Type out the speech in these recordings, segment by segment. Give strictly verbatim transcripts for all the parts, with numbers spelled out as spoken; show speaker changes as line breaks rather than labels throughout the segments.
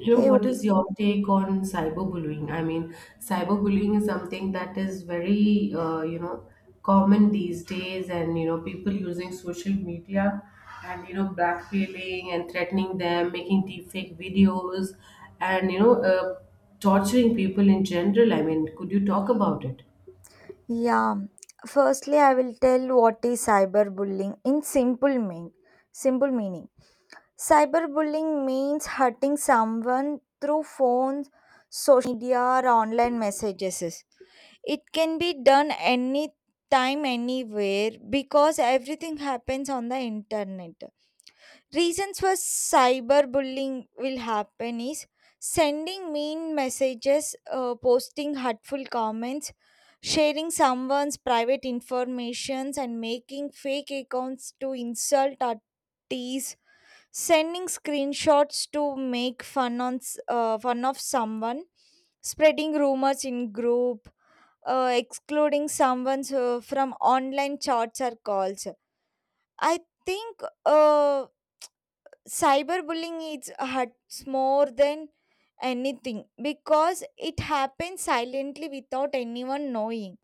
You know,
Hey,
what is your take on cyberbullying? I mean, cyberbullying is something that is very, uh, you know, common these days, and you know, people using social media, and you know, blackmailing and threatening them, making deepfake videos, and you know, uh, torturing people in general. I mean, could you talk about it?
w- yeah. Firstly, I will tell what is cyberbullying in simple mean, simple meaning. Cyberbullying means hurting someone through phones, social media, or online messages. It can be done any time, anywhere because everything happens on the internet. Reasons for cyberbullying will happen is sending mean messages, uh, posting hurtful comments, sharing someone's private informations and making fake accounts to insult or tease, sending screenshots to make fun on s- uh, fun of someone, spreading rumors in group, uh, excluding someone uh, from online chats or calls. I think. Uh, cyberbullying is hurts more than anything because it happens silently without anyone knowing.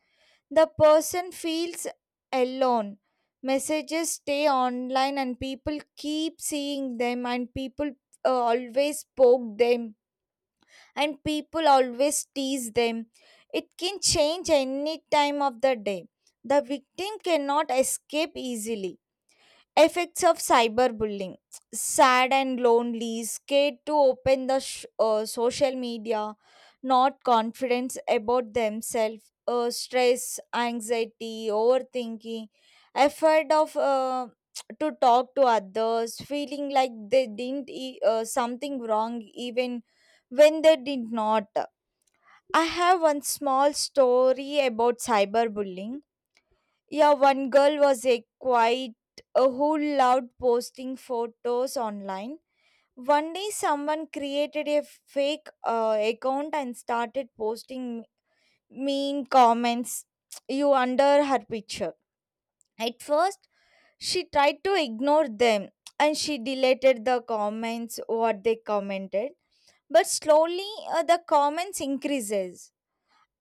The person feels alone. Messages stay online and people keep seeing them, and people uh, always poke them, and people always tease them. It can change any time of the day. The victim cannot escape easily. Effects of cyberbullying. Sad and lonely, scared to open the sh- uh, social media, not confident about themselves, uh, stress, anxiety, overthinking, effort of uh, to talk to others, feeling like they didn't e- uh, something wrong even when they did not. I have one small story about cyberbullying, yeah, one girl was a quite uh, who loved posting photos online. One day, someone created a fake uh, account and started posting mean comments you under her picture. At first, she tried to ignore them and she deleted the comments what they commented. But slowly, uh, the comments increases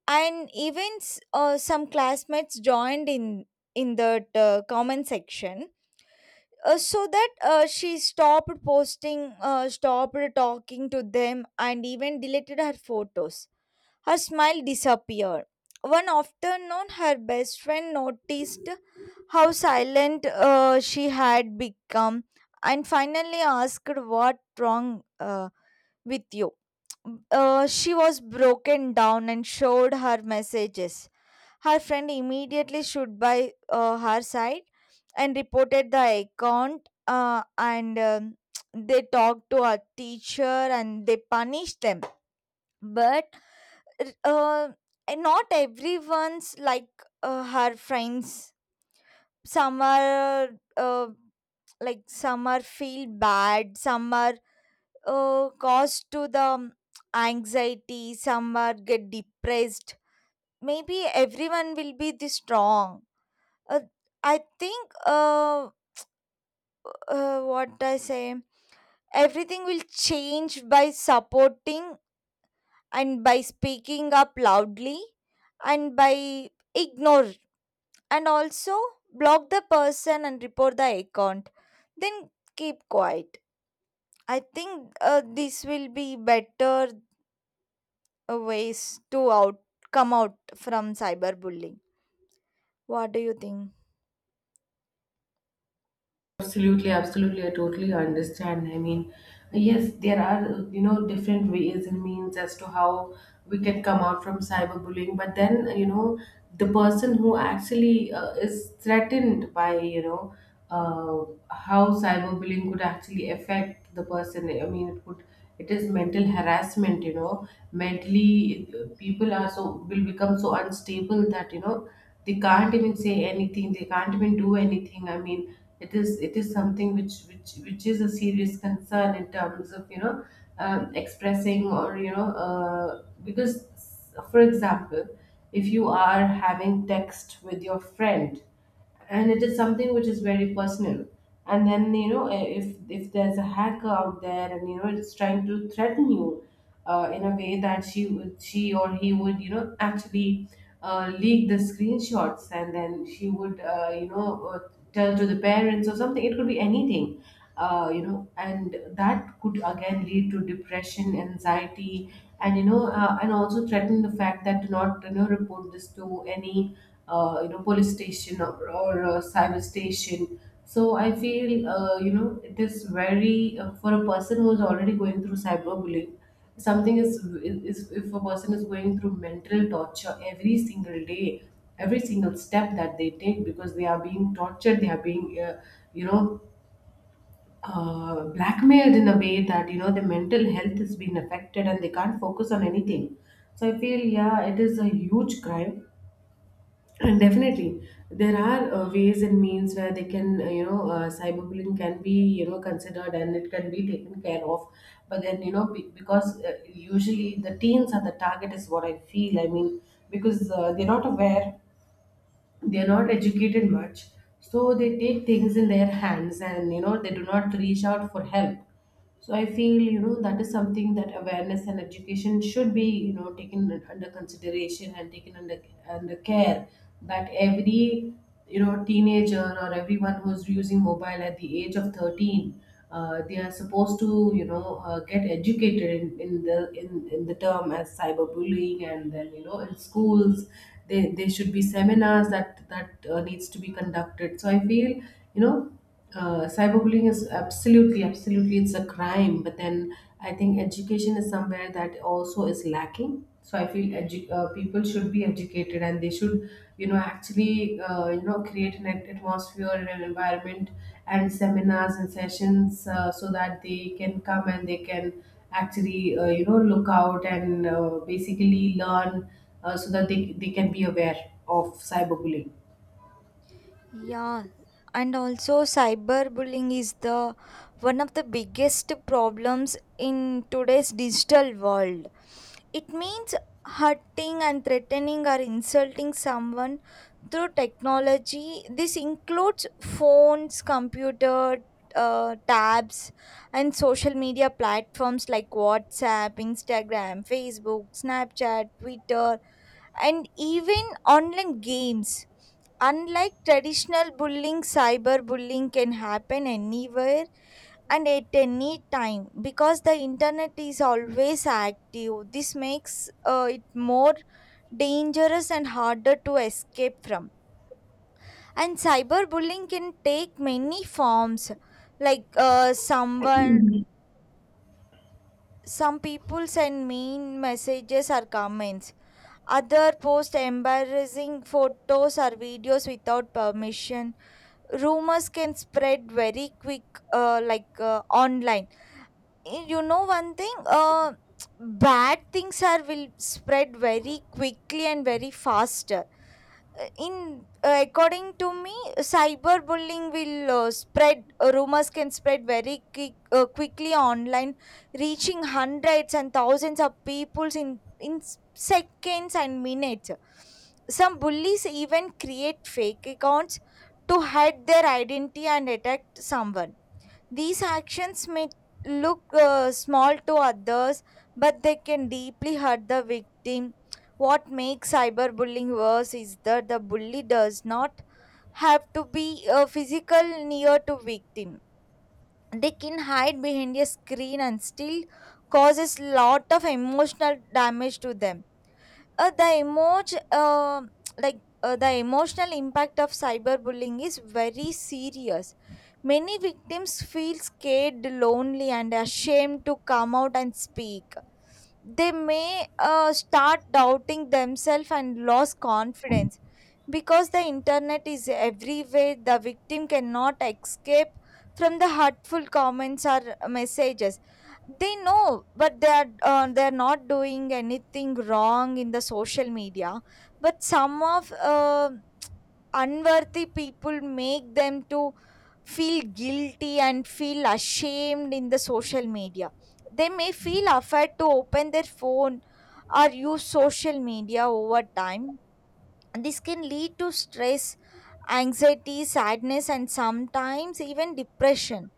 and even s- uh, some classmates joined in in that uh, comment section, uh, so that uh, she stopped posting uh, stopped talking to them and even deleted her photos. Her smile disappeared. One afternoon her best friend noticed how silent uh, she had become and finally asked what wrong uh, with you. Uh, she was broken down and showed her messages. Her friend immediately stood by uh, her side and reported the account, uh, and um, they talked to a teacher and they punished them. But uh, not everyone's like uh, her friends. Some are uh, like some are feel bad, some are uh, caused to the anxiety, some are get depressed. Maybe everyone will be this strong. uh, i think uh, uh what I say, everything will change by supporting and by speaking up loudly and by ignore and also block the person and report the account, then keep quiet. I think uh, this will be better uh, ways to out come out from cyberbullying. What do you think?
Absolutely, absolutely. I totally understand. I mean, yes, there are, you know, different ways and means as to how we can come out from cyberbullying. But then, you know, the person who actually uh, is threatened by, you know, uh, how cyberbullying could actually affect the person. I mean, it could it is mental harassment, you know mentally, uh, people are so, will become so unstable that you know they can't even say anything, they can't even do anything. I mean, it is it is something which which which is a serious concern in terms of, you know um, expressing, or you know uh, because, for example, if you are having text with your friend, and it is something which is very personal, and then, you know if if there's a hacker out there, and you know it's trying to threaten you, uh, in a way that she would she or he would, you know actually uh, leak the screenshots, and then she would, uh, you know uh, tell to the parents or something. It could be anything, uh, you know and that could again lead to depression, anxiety, and you know uh, and also threaten the fact that do not, you know report this to any uh, you know police station, or, or uh, cyber station. So I feel, uh, you know it is very, uh, for a person who is already going through cyberbullying, something is, is if a person is going through mental torture every single day, every single step that they take, because they are being tortured, they are being, uh, you know uh, blackmailed in a way that you know their mental health has been affected, and they can't focus on anything. So I feel, yeah, it is a huge crime, and definitely there are uh, ways and means where they can, uh, you know uh, cyberbullying can be, you know considered, and it can be taken care of. But then, you know be- because, uh, usually the teens are the target, is what I feel. I mean, because uh, they're not aware, they're not educated much, so they take things in their hands, and you know they do not reach out for help. So I feel, you know that is something that awareness and education should be, you know taken under consideration, and taken under under care. That every, you know teenager, or everyone who's using mobile at the age of thirteen, uh, they are supposed to, you know uh, get educated in, in the in, in the term as cyberbullying, and then you know in schools, they, they should be seminars that that uh, needs to be conducted. So I feel, you know uh, cyberbullying is absolutely, absolutely, it's a crime. But then I think education is somewhere that also is lacking, so I feel, edu- uh, people should be educated, and they should, you know actually, uh, you know create an at- atmosphere and an environment, and seminars and sessions, uh, so that they can come, and they can actually, uh, you know look out, and uh, basically learn, uh, so that they, they can be aware of cyberbullying.
Yeah, and also cyberbullying is the one of the biggest problems in today's digital world. It means hurting and threatening or insulting someone through technology. This includes phones, computer, uh, tabs, and social media platforms like WhatsApp, Instagram, Facebook, Snapchat, Twitter, and even online games. Unlike traditional bullying, cyberbullying can happen anywhere and at any time because the internet is always active. This makes uh, it more dangerous and harder to escape from. And cyberbullying can take many forms, like uh, someone, some people send mean messages or comments. Other post embarrassing photos or videos without permission. Rumors can spread very quick, uh, like uh, online. Y- you know one thing, uh, bad things are will spread very quickly and very fast, uh, in uh, according to me, cyberbullying will uh, spread. Uh, rumors can spread very quick, uh, quickly online, reaching hundreds and thousands of people in in s- seconds and minutes. Some bullies even create fake accounts to hide their identity and attack someone. These actions may look uh, small to others, but they can deeply hurt the victim. What makes cyberbullying worse is that the bully does not have to be uh, physical near to victim. They can hide behind a screen and still causes lot of emotional damage to them. uh, the emoji, uh, like uh, the emotional impact of cyberbullying is very serious. Many victims feel scared, lonely, and ashamed to come out and speak. They may uh, start doubting themselves and lose confidence, because the internet is everywhere the victim cannot escape from the hurtful comments or messages. They know, but they are uh, they are not doing anything wrong in the social media, but some of uh, unworthy people make them to feel guilty and feel ashamed in the social media. They may feel afraid to open their phone or use social media. Over time this can lead to stress, anxiety, sadness, and sometimes even depression.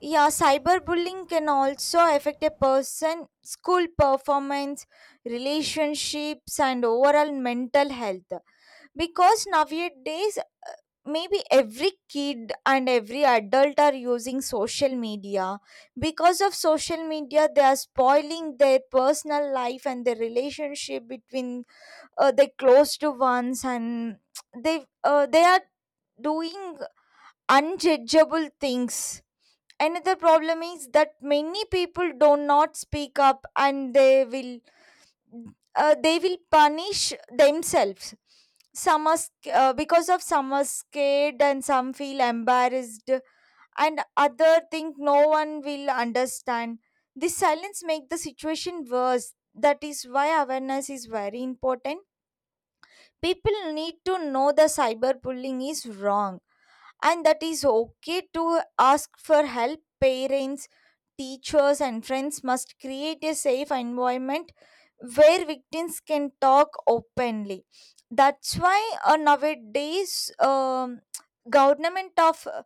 Yeah, cyberbullying can also affect a person school performance, relationships, and overall mental health, because nowadays maybe every kid and every adult are using social media. Because of social media they are spoiling their personal life and their relationship between uh, their close to ones, and they uh, they are doing unjudgeable things. Another problem is that many people do not speak up and they will uh, they will punish themselves. Some are sc- uh, because of Some are scared and some feel embarrassed, and other think no one will understand. This silence make the situation worse. That is why awareness is very important. People need to know the cyberbullying is wrong, and that is okay to ask for help. Parents, teachers, and friends must create a safe environment where victims can talk openly. That's why uh, nowadays, um, government of uh,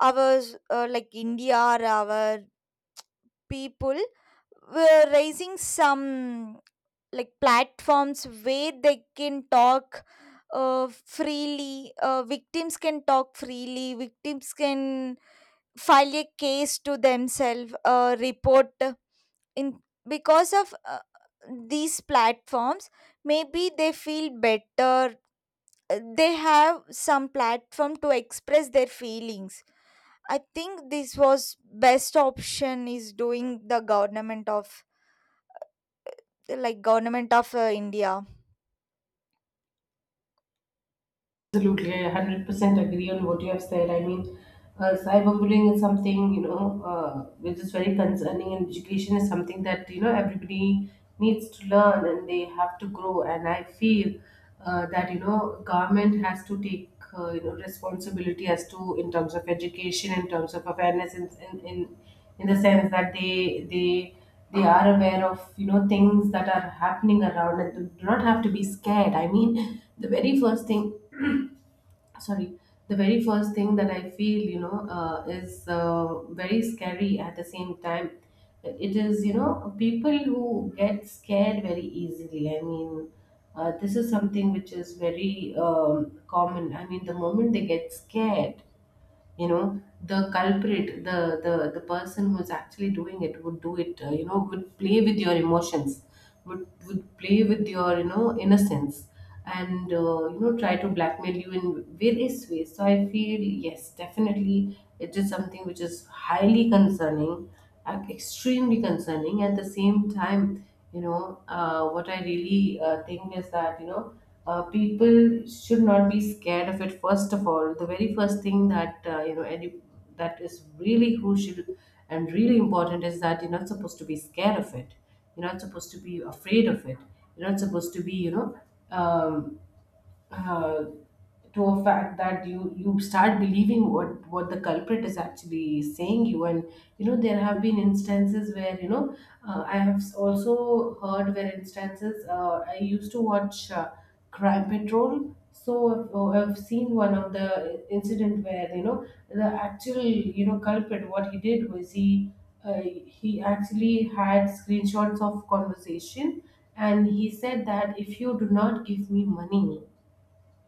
our uh, like India, or our people were raising some like platforms where they can talk uh, freely. Uh, victims can talk freely, victims can file a case to themselves, uh, report in. Because of uh, these platforms, maybe they feel better. Uh, they have some platform to express their feelings. I think this was best option is doing the government of like government of uh, India.
Absolutely, I a hundred percent agree on what you have said. I mean, uh, cyberbullying is something, you know, uh, which is very concerning, and education is something that, you know, everybody needs to learn, and they have to grow. And I feel uh, that, you know, government has to take, uh, you know, responsibility as to, in terms of education, in terms of awareness, in, in, in, in the sense that they, they, they are aware of you know things that are happening around, and do not have to be scared. I mean, the very first thing, sorry, the very first thing that I feel, you know uh, is uh, very scary at the same time. It is, you know people who get scared very easily. I mean, uh, this is something which is very um, common. I mean, the moment they get scared, you know the culprit, the the the person who's actually doing it would do it, uh, you know would play with your emotions, would would play with your you know innocence, and uh, you know try to blackmail you in various ways. So I feel, yes, definitely, it is something which is highly concerning, uh, extremely concerning at the same time. You know uh, what I really uh, think, is that you know uh, people should not be scared of it. First of all, the very first thing that, uh, you know any, that is really crucial and really important, is that you're not supposed to be scared of it, you're not supposed to be afraid of it, you're not supposed to be, you know um, uh, to a fact that you you start believing what what the culprit is actually saying you, and you know there have been instances where, you know uh, I have also heard where instances, uh, I used to watch uh, crime patrol. So uh, I've seen one of the incident where, you know the actual, you know culprit, what he did was, he, uh, he actually had screenshots of conversation, and he said that, if you do not give me money,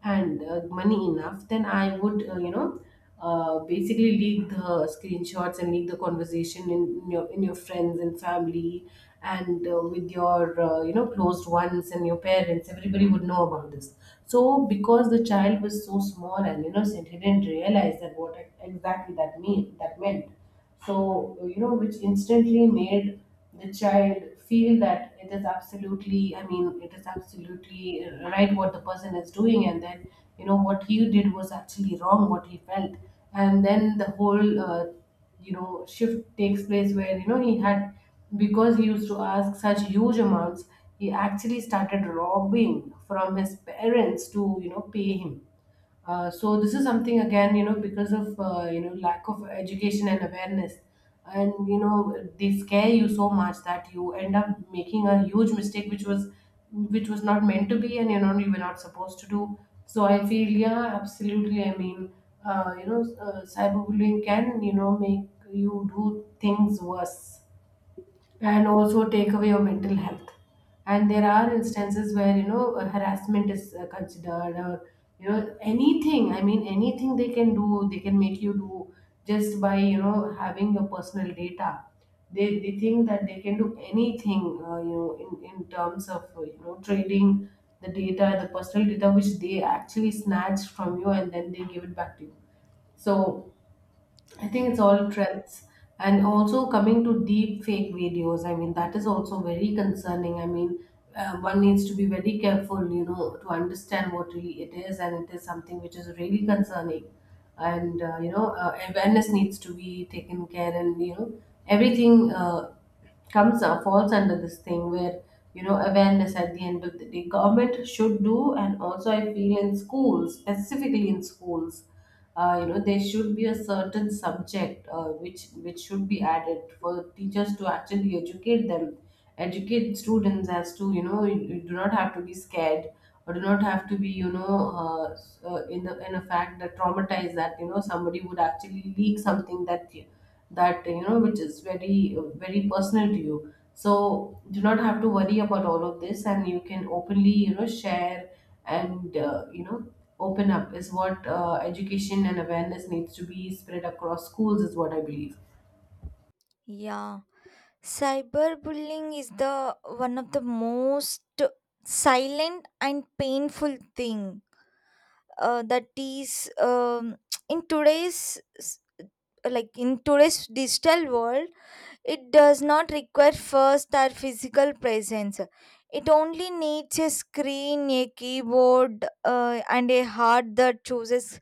and uh, money enough, then I would, uh, you know, uh, basically leak the screenshots and leak the conversation in, in your in your friends and family, and uh, with your uh, you know closed ones and your parents. Everybody would know about this. So, because the child was so small and innocent, he didn't realize that what exactly that mean that meant. So you know which instantly made the child feel that it is absolutely, I mean, it is absolutely right what the person is doing, and that, you know what he did was actually wrong, what he felt. And then the whole uh, you know shift takes place, where you know he had, because he used to ask such huge amounts, he actually started robbing from his parents to, you know pay him. Uh, so this is something again, you know, because of uh, you know lack of education and awareness, and you know they scare you so much, that you end up making a huge mistake, which was which was not meant to be, and you know you were not supposed to do. So I feel, yeah, absolutely. I mean, uh, you know, uh, cyberbullying can, you know make you do things worse, and also take away your mental health.
Mm.
And there are instances where, you know uh, harassment is uh, considered, or you know anything. I mean, anything they can do, they can make you do, just by you know having your personal data. They, they think that they can do anything, uh, you know, in, in terms of uh, you know trading the data, the personal data which they actually snatch from you, and then they give it back to you. So I think
Yeah.
it's all trends. And also, coming to deep fake videos, I mean, that is also very concerning. I mean, uh, one needs to be very careful, you know, to understand what really it is, and it is something which is really concerning. And, uh, you know, uh, awareness needs to be taken care, and, you know, everything uh, comes uh, falls under this thing where, you know, awareness, at the end of the day, government should do, and also I feel, in schools, specifically in schools, uh, you know there should be a certain subject, uh, which which should be added, for teachers to actually educate them, educate students as to, you know you, you do not have to be scared, or do not have to be, you know uh, s- uh, in the, in a fact that traumatized, that you know somebody would actually leak something that, that, you know which is very, very personal to you. So, do not have to worry about all of this, and you can openly, you know share, and uh, you know open up, is what uh, education and awareness needs to be spread across schools, is what I believe.
Yeah. Cyberbullying is the one of the most silent and painful thing uh, that is um, in today's s- like in today's digital world. It does not require first our physical presence. It only needs a screen, a keyboard, uh, and a heart that chooses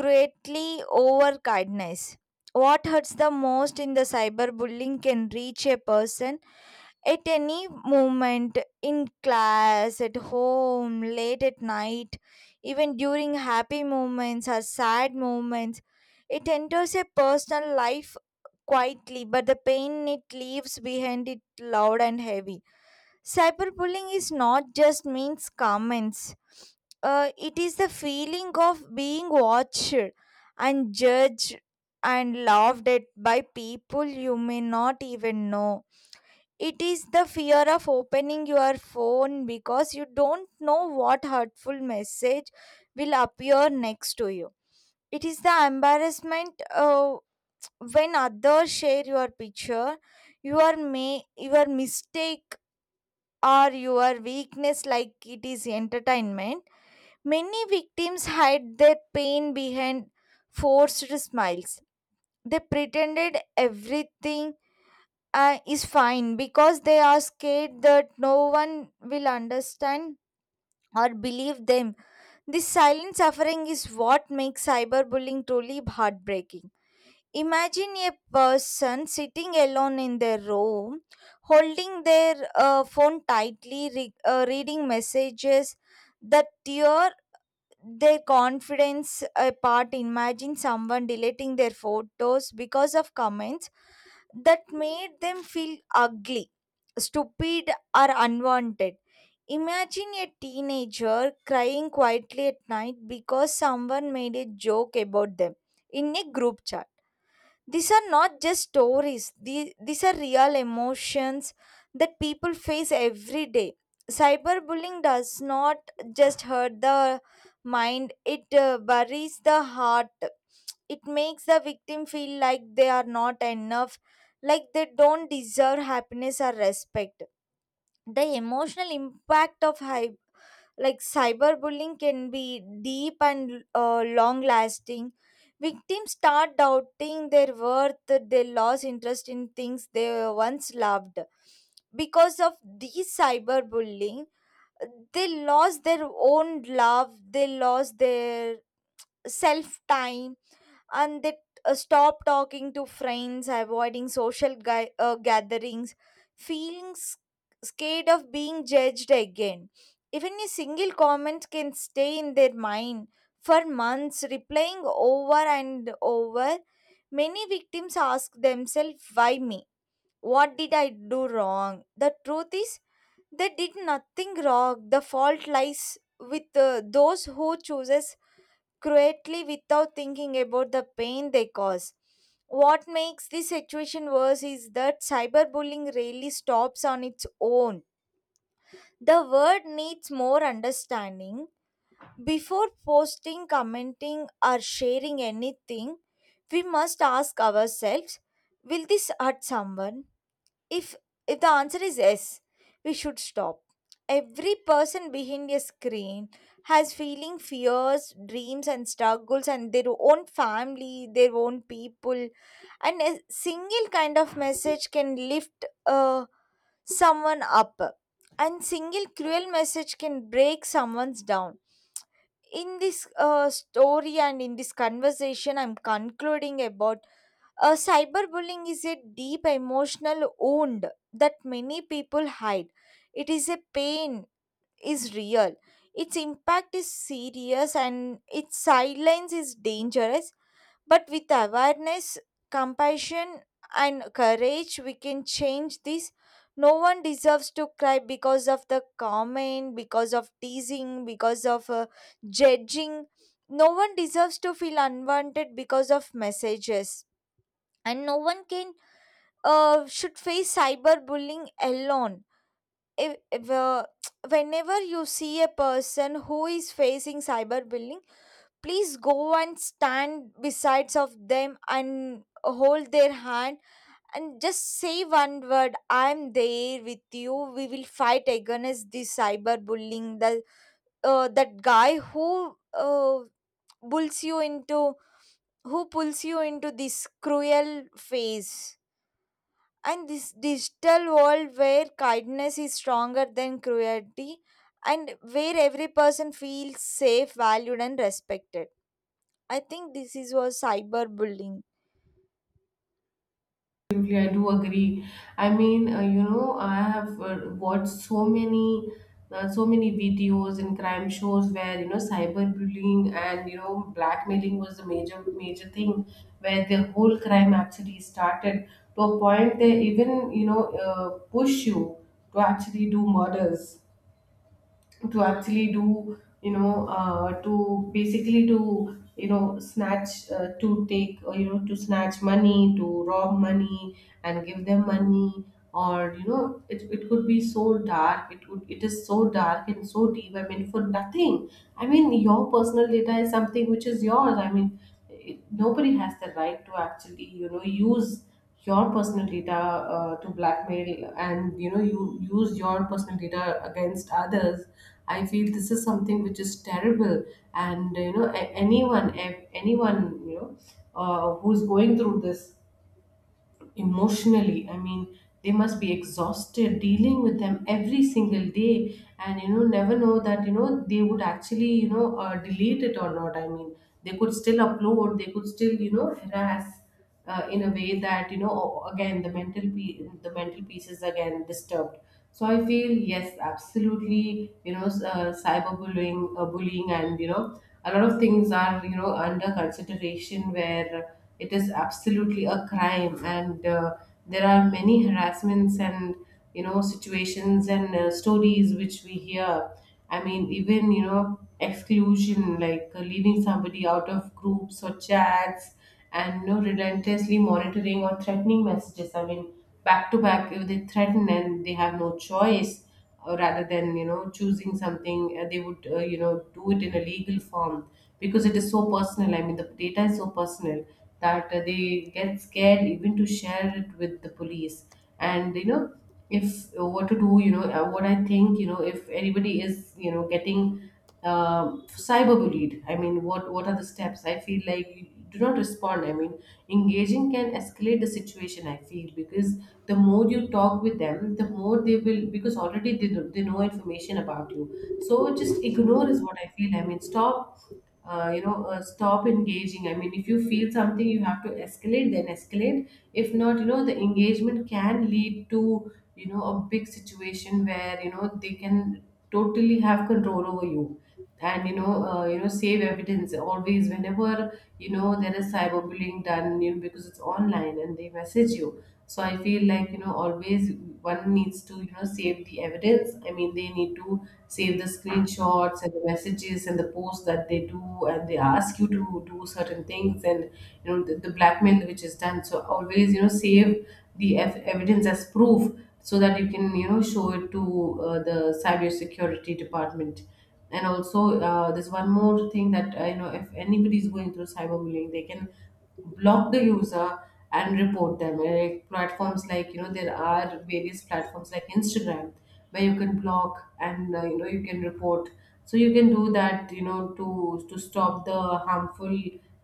greatly over kindness. What hurts the most in the cyberbullying can reach a person at any moment, in class, at home, late at night, even during happy moments or sad moments. It enters a personal life quietly, but the pain it leaves behind it loud and heavy. Cyberbullying is not just means comments. Uh, it is the feeling of being watched and judged and laughed at by people you may not even know. It is the fear of opening your phone because you don't know what hurtful message will appear next to you. It is the embarrassment uh, when others share your picture, your may your mistake, or your weakness like it is entertainment. Many victims hide their pain behind forced smiles. They pretended everything uh, is fine because they are scared that no one will understand or believe them. This silent suffering is what makes cyberbullying truly heartbreaking. Imagine a person sitting alone in their room, holding their uh, phone tightly, re- uh, reading messages that tear their confidence apart. Imagine someone deleting their photos because of comments that made them feel ugly, stupid, or unwanted. Imagine a teenager crying quietly at night because someone made a joke about them in a group chat. These are not just stories, the- these are real emotions that people face every day. Cyberbullying does not just hurt the mind, it uh, buries the heart. It makes the victim feel like they are not enough, like they don't deserve happiness or respect. The emotional impact of hy- like cyberbullying can be deep and uh, long lasting. Victims start doubting their worth, they lost interest in things they once loved. Because of these cyberbullying they lost their own love, they lost their self time, and they uh, stop talking to friends, avoiding social ga- uh, gatherings, feeling s- scared of being judged again. Even a single comment can stay in their mind for months, replaying over and over. Many victims ask themselves, why me? What did I do wrong? The truth is, they did nothing wrong. The fault lies with uh, those who chooses quietly without thinking about the pain they cause. What makes this situation worse is that cyberbullying rarely stops on its own. The word needs more understanding. Before posting, commenting, or sharing anything, we must ask ourselves, will this hurt someone? If if the answer is yes, we should stop. Every person behind a screen has feeling, fears, dreams, and struggles, and their own family, their own people, and a single kind of message can lift uh, someone up, and single cruel message can break someone's down. In this uh, story and in this conversation, I'm concluding about uh, cyberbullying is a deep emotional wound that many people hide. It is a pain, is real. Its impact is serious and its silence is dangerous. But with awareness, compassion, and courage, we can change this. No one deserves to cry because of the comment, because of teasing, because of uh, judging. No one deserves to feel unwanted because of messages, and no one can uh, should face cyberbullying alone. If, if, uh, whenever you see a person who is facing cyberbullying, please go and stand besides of them and hold their hand and just say one word, I'm there with you, we will fight against this cyberbullying. The uh, That guy who uh, pulls you into who pulls you into this cruel phase, and this digital world where kindness is stronger than cruelty, and where every person feels safe, valued, and respected. I think this is what cyberbullying.
Absolutely, I do agree. I mean, uh, you know, I have uh, watched so many, uh, so many videos and crime shows where you know cyberbullying and you know blackmailing was the major, major thing, where the whole crime actually started to a point they even you know uh, push you to actually do murders to actually do you know uh, to basically to you know snatch uh, to take or you know to snatch money to rob money and give them money or you know it, it could be so dark it would it is so dark and so deep. I mean for nothing. I mean your personal data is something which is yours. I mean it, nobody has the right to actually you know use your personal data uh, to blackmail and you know you use your personal data against others. I feel this is something which is terrible, and you know a- anyone a- anyone you know uh, who's going through this emotionally, I mean they must be exhausted dealing with them every single day, and you know never know that you know they would actually you know uh, delete it or not. I mean they could still upload, they could still you know harass uh, in a way that you know o- again the mental pe- the mental piece is again disturbed. So I feel, yes, absolutely, you know s- uh, cyberbullying, uh, bullying and you know a lot of things are you know under consideration where it is absolutely a crime. And uh, there are many harassments and you know situations and uh, stories which we hear. I mean even you know exclusion, like uh, leaving somebody out of groups or chats, and you know relentlessly monitoring or threatening messages. I mean back to back, if they threaten, and they have no choice uh, rather than you know choosing something, uh, they would uh, you know do it in a legal form because it is so personal. I mean the data is so personal that uh, they get scared even to share it with the police. And you know, if uh, what to do, you know uh, what I think, you know if anybody is you know getting um cyberbullied, I mean what what are the steps? I feel like you do not respond. I mean engaging can escalate the situation, I feel, because the more you talk with them, the more they will, because already they, know- they know information about you. So just ignore is what I feel. I mean stop, uh, you know uh, stop engaging. I mean if you feel something you have to escalate, then escalate. If not, you know the engagement can lead to you know a big situation where you know they can totally have control over you. And you know uh, you know save evidence always whenever you know there is cyberbullying done, you know, because it's online and they message you. So I feel like you know always one needs to you know save the evidence. I mean they need to save the screenshots and the messages and the posts that they do, and they ask you to do certain things. And you know the, the blackmail which is done, so always you know save the ev- evidence as proof so that you can you know show it to uh, the cyber security department. And also, uh, there's one more thing, that uh, you know if anybody is going through cyberbullying, they can block the user and report them. Like platforms, like you know, there are various platforms like Instagram where you can block and uh, you know you can report. So you can do that, you know, to to stop the harmful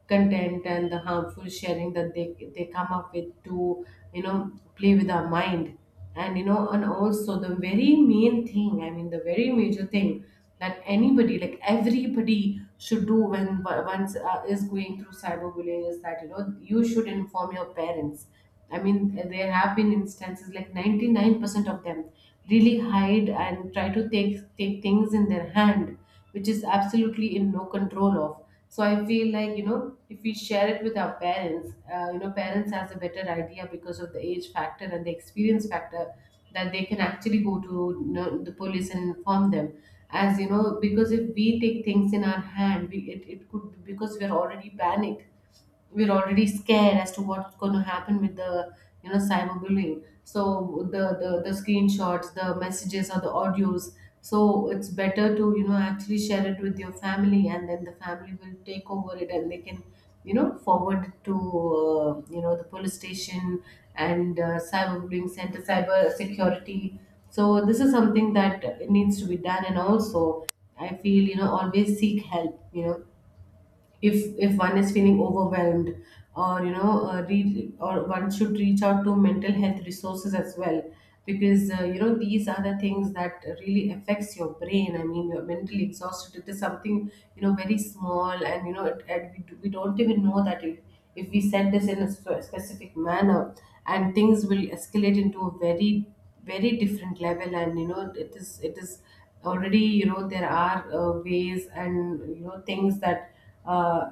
content and the harmful sharing that they they come up with to you know play with our mind. And you know, and also the very main thing, I mean the very major thing that anybody, like everybody, should do when once uh, is going through cyberbullying, is that you know you should inform your parents. I mean there have been instances like ninety-nine percent of them really hide and try to take take things in their hand, which is absolutely in no control of. So I feel like, you know, if we share it with our parents, uh, you know parents has a better idea because of the age factor and the experience factor, that they can actually go to, you know, the police and inform them. As you know, because if we take things in our hand, we, it, it could, because we are already panicked, we're already scared as to what's going to happen with the, you know, cyberbullying. So the, the the screenshots, the messages or the audios, so it's better to you know actually share it with your family, and then the family will take over it, and they can you know forward it to uh, you know the police station and uh, cyberbullying center, cyber security. So this is something that needs to be done. And also, I feel, you know, always seek help, you know, if if one is feeling overwhelmed or you know uh, re- or one should reach out to mental health resources as well, because uh, you know these are the things that really affects your brain. I mean you're mentally exhausted. It is something, you know, very small, and you know it, and we, do- we don't even know that, if, if we said this in a spe- specific manner, and things will escalate into a very, very different level. And you know it is it is already, you know, there are uh, ways and you know things that uh,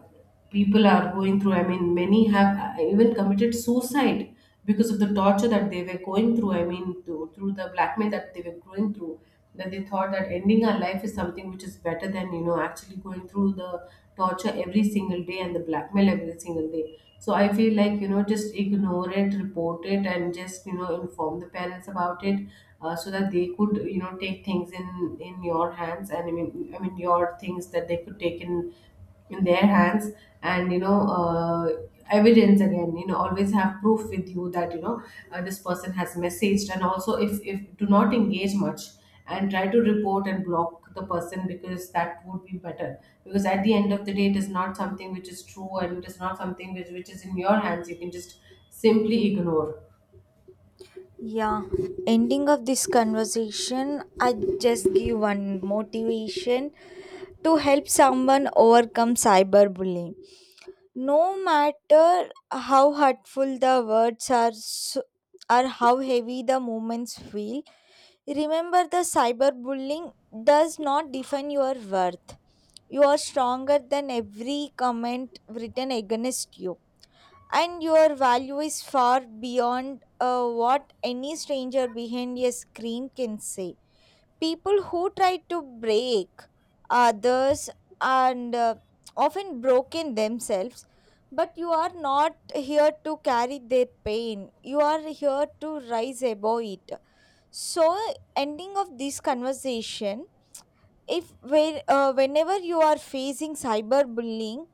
people are going through. I mean many have uh, even committed suicide because of the torture that they were going through. I mean to, through the blackmail that they were going through, that they thought that ending our life is something which is better than you know actually going through the torture every single day and the blackmail every single day. So I feel like, you know, just ignore it, report it, and just you know inform the parents about it, uh, so that they could, you know, take things in in your hands, and i mean i mean your things, that they could take in in their hands. And you know uh, evidence again, you know, always have proof with you that you know uh, this person has messaged. And also, if if do not engage much, and try to report and block the person, because that would be better. Because at the end of the day, it is not something which is true, and it is not something which, which is in your hands. You can just simply ignore.
Yeah, ending of this conversation, I just give one motivation to help someone overcome cyberbullying. No matter how hurtful the words are, so, or how heavy the moments feel. Remember, the cyberbullying does not define your worth. You are stronger than every comment written against you, and your value is far beyond uh, what any stranger behind a screen can say. People who try to break others and uh, often broken themselves, but you are not here to carry their pain, you are here to rise above it. So, ending of this conversation, if when uh, whenever you are facing cyberbullying,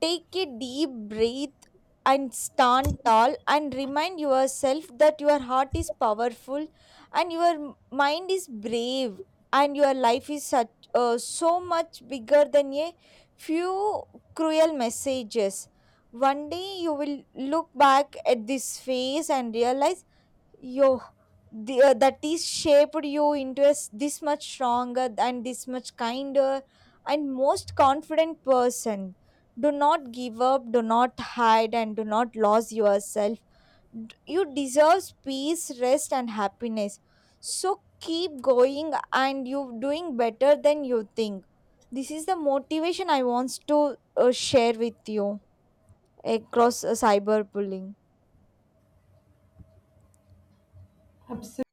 take a deep breath and stand tall and remind yourself that your heart is powerful and your m- mind is brave, and your life is such uh, so much bigger than a few cruel messages. One day you will look back at this phase and realize yo the, uh, that is shaped you into a s this much stronger and this much kinder and most confident person. Do not give up, do not hide, and do not lose yourself. D- you deserve peace, rest, and happiness. So keep going, and you are doing better than you think. This is the motivation I wants to uh, share with you across uh, cyberbullying.
Absolutely.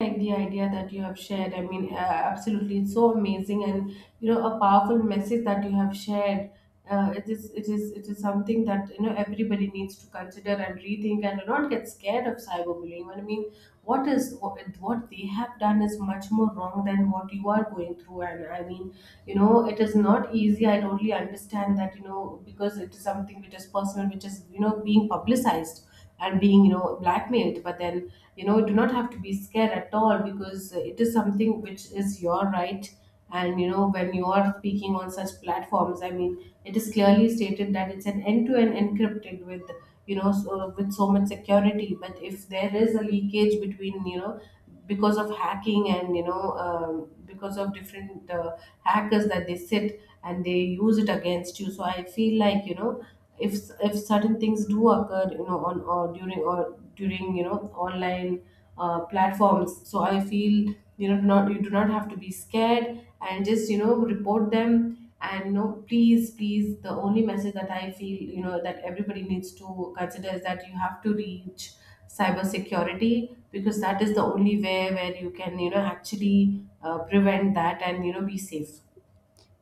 Like the idea that you have shared, I mean, uh, absolutely, it's so amazing. And you know, a powerful message that you have shared, uh, it is it is it is something that you know everybody needs to consider and rethink, and not get scared of cyberbullying. I mean what is what, what they have done is much more wrong than what you are going through. And I mean, you know, it is not easy, I totally understand that, you know, because it is something which is personal, which is you know being publicized and being you know blackmailed. But then you know do not have to be scared at all, because it is something which is your right. And you know, when you are speaking on such platforms, I mean, it is clearly stated that it's an end to end encrypted with, you know, so with so much security. But if there is a leakage between, you know, because of hacking and you know, um, because of different uh, hackers that they sit and they use it against you, so I feel like, you know, if if certain things do occur you know on or during or during you know online uh, platforms, so I feel you know not, you do not have to be scared, and just you know report them. And you know, please, please, the only message that I feel, you know, that everybody needs to consider, is that you have to reach cyber security, because that is the only way where you can you know actually uh, prevent that and you know be safe.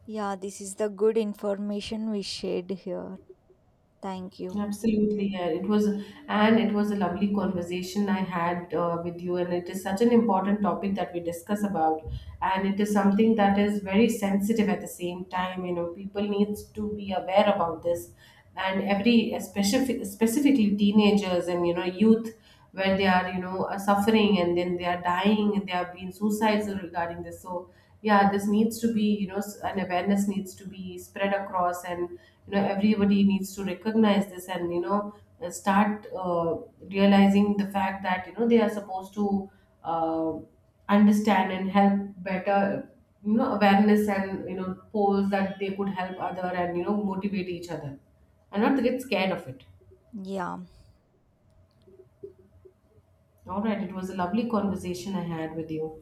Yeah, this is the good information we shared here. Thank you.
Absolutely, yeah. It was, and it was a lovely conversation I had uh, with you. And it is such an important topic that we discuss about, and it is something that is very sensitive at the same time. You know, people needs to be aware about this, and every especially specifically teenagers and you know youth, where they are, you know, uh, suffering, and then they are dying, and they are being suicidal regarding this. So yeah, this needs to be, you know, s- an awareness needs to be spread across, and you know everybody needs to recognize this, and you know uh, start uh, realizing the fact that you know they are supposed to uh, understand and help better. You know, awareness and you know polls, that they could help other and you know motivate each other, and not get scared of it.
Yeah.
All right, it was a lovely conversation I had with you.